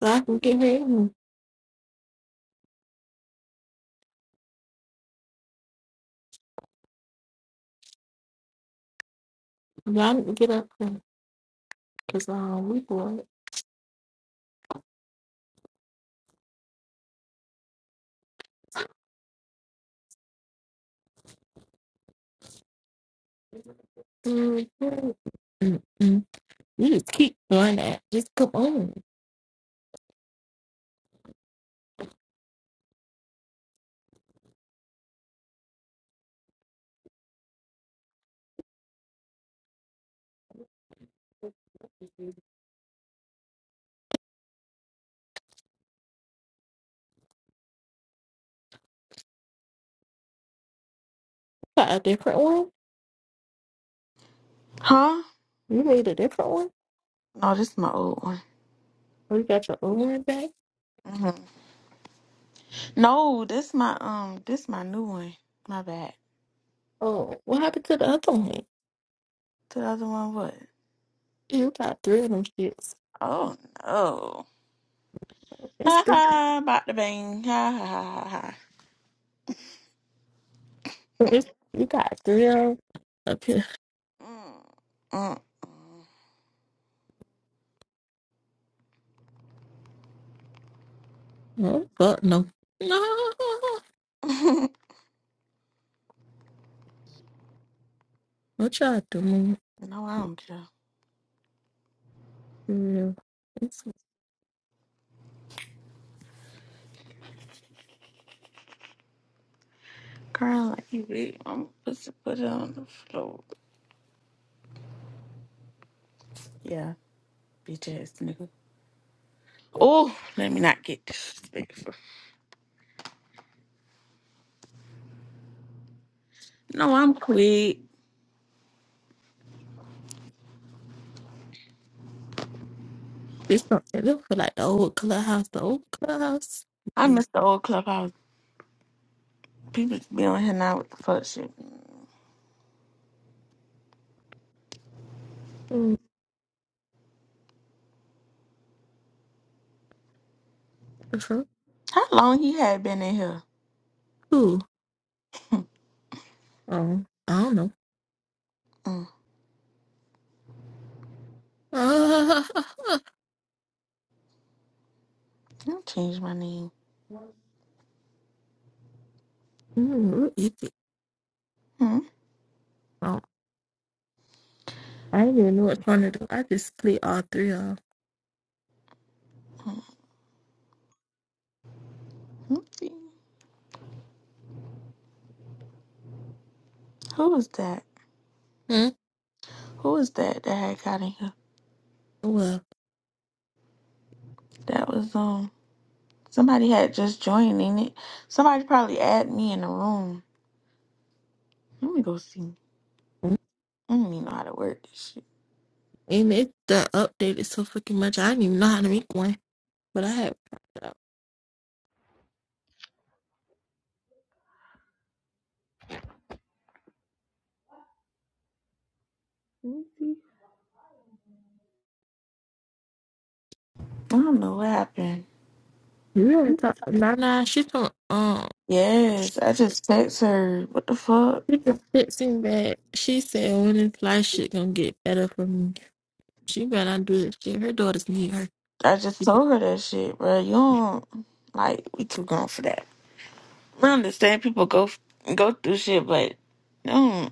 So I can get ready. and- Y'all need to get up because um, we bored. Mm-hmm. Mm-mm. You just keep doing that. Just come on. You got a different one? Huh? You made a different one? No, this is my old one. Or you got your own one back? hmm No, this my um, this my new one. My bad. Oh, what happened to the other one? The other one, what? You got three of them shits. Oh no! It's Ha three. ha! About the bang! Ha ha ha ha! ha. It's, you got three of them up here. Mm, mm, mm. Oh, fuck no. No. What y'all doing? No, I don't care. For real. It's, Girl, like you big, I'm supposed to put it on the floor. Yeah, bitch ass nigga. Oh, let me not get disrespectful. No, I'm quick. it's not, it don't feel like the old clubhouse. The old clubhouse. I miss the old clubhouse. People be on here now with the fuck shit. The fuck? How long he had been in here? Who? Oh, I don't know. Mm, Ah, I'll change my name. Mm, you think- Hmm. oh, I didn't even know what trying to do. I just clicked all three of them. Okay. Who was that? Hmm? Who was that that had got in here? Well, That was um somebody had just joined in it. Somebody probably added me in the room. Let me go see. mm, I don't even know how to work this shit. and it the updated so fucking much. I didn't even know how to make one, but I have tried it out. Let me see. I don't know what happened. You really talk? Nah, nah. She from um. Yes, I just text her. What the fuck? She just fixing that. She said when this life shit gonna get better for me. She better not do this shit. Her daughters need her. I just told her that shit, bro. You don't like we too gone for that. I understand people go go through shit, but no.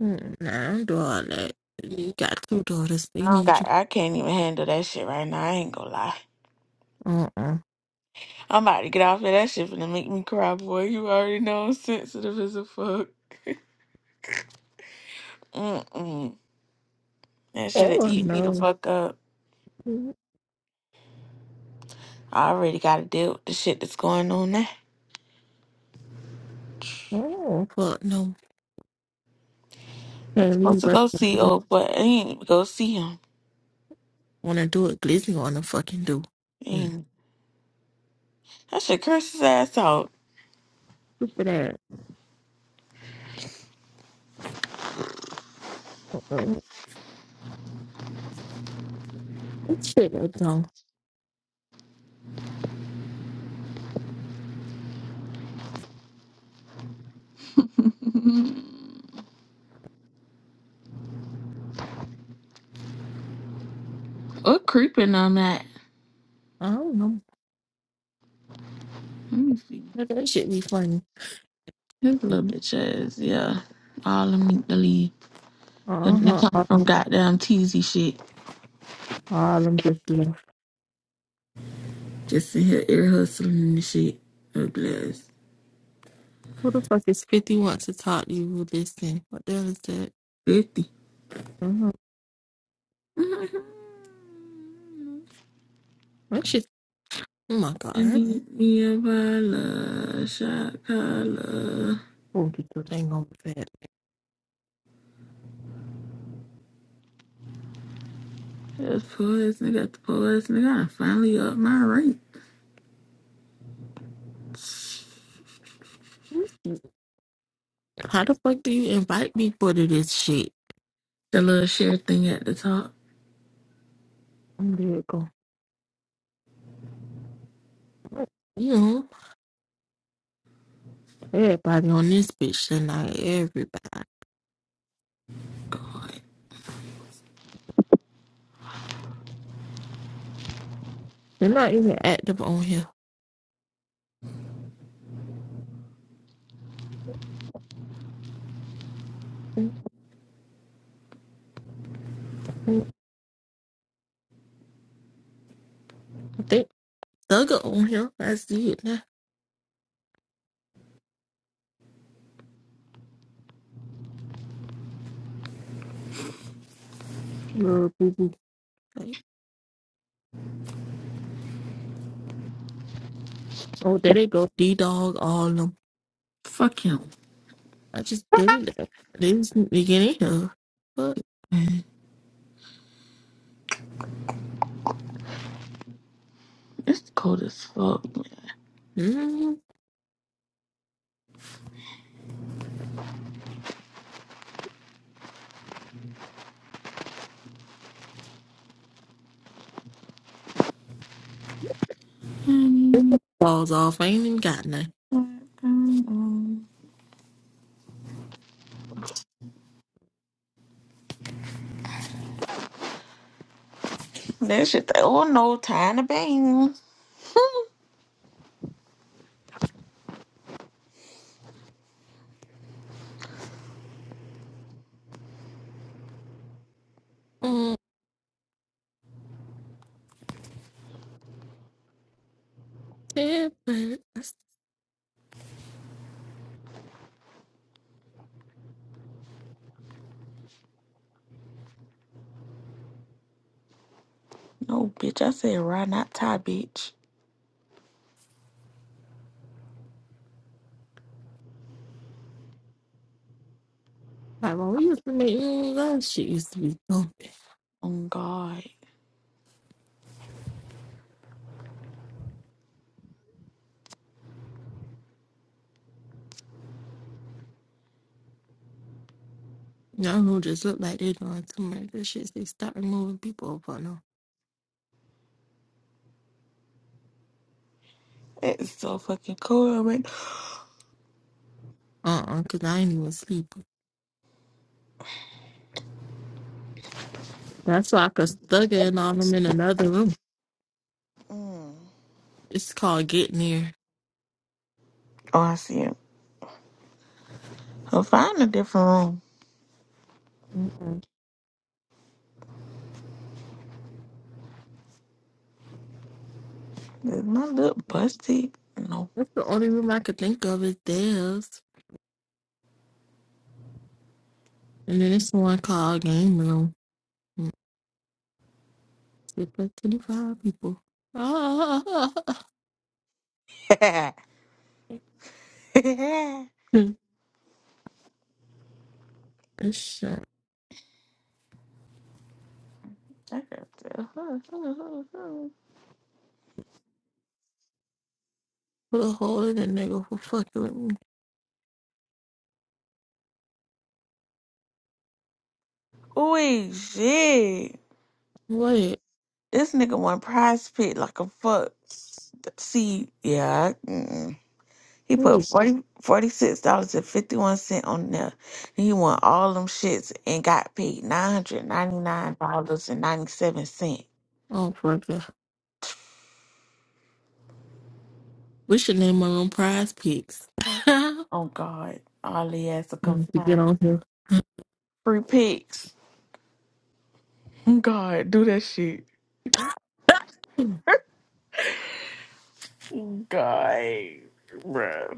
Mm, Nah, i all that. You got two daughters. I They don't need you. got. I can't even handle that shit right now. I ain't gonna lie. Uh-uh. I'm about to get off of that shit finna make me cry, boy. You already know I'm sensitive as a fuck. Mm-mm. That shit'll Oh, eat me the no. fuck up. Mm, I already gotta deal with the shit that's going on now. Oh, fuck, no. I'm Can't supposed leave to us. go see old, but I ain't even go see him. Want to do it. Glizzy want to fucking do. Mm. Ain't I should curse his ass out. Stupid ass. Uh-uh. That shit is dumb. or creeping on that. I don't know. Let me see. That that shit be funny. His little bitch ass, yeah. All of me to leave. It Uh-huh. comes All from goddamn teasy shit. all them just left. Just in here air hustling and shit. A glass. Who the fuck is 50 want to talk to you? Listen. What the hell is that? 50. Uh-huh. That shit. Oh, my I God. need me a Viola, shot collar. 42 ain't gonna be That's poison. I Got the poison. I gotta finally up my rate. fat. How the fuck do you invite people to this shit? The little share thing at the top. There you go. You know, everybody on this bitch tonight. Everybody. Like, They're not even active on here. I think Thugger on here. I see it now. Little boo boo. Like, Oh, there they go. D Dog, all of them. fuck him. I just didn't. They just need to get in here. But, It's cold as fuck. mm, man. balls off. I ain't even got nothing. That shit. th- Oh no, tie in the bang. Mm, yeah, but that's No, bitch. I said ride, not tie, bitch. like when we used to make moves, that shit used to be pumping. Oh God. Y'all who just look like they doing too much good shit. They stop removing people up on them. It's so fucking cold. Uh uh, because I ain't even sleep. That's why I could thug in on them in another room. Mm. It's called Getting There. Oh, I see it. I'll find a different room. Mm-mm. Is my lip busty? No. That's the only room I could think of is theirs. And then it's one called Game Room. Mm, It's like 25 people. Ah, I this shit. got to- Put a hole in that nigga for fucking with me. Ooh, shit. Wait. This nigga won prize pit like a fuck. See, yeah, I, mm. he put Ooh. forty forty six dollars and 51 cent on there. He won all them shits and got paid $999.97. Oh, fuck that. We should name my room Prize Picks. Oh, God. All he has to come Mm, to get find on here. Free picks. Oh, God, do that shit. God, bruh.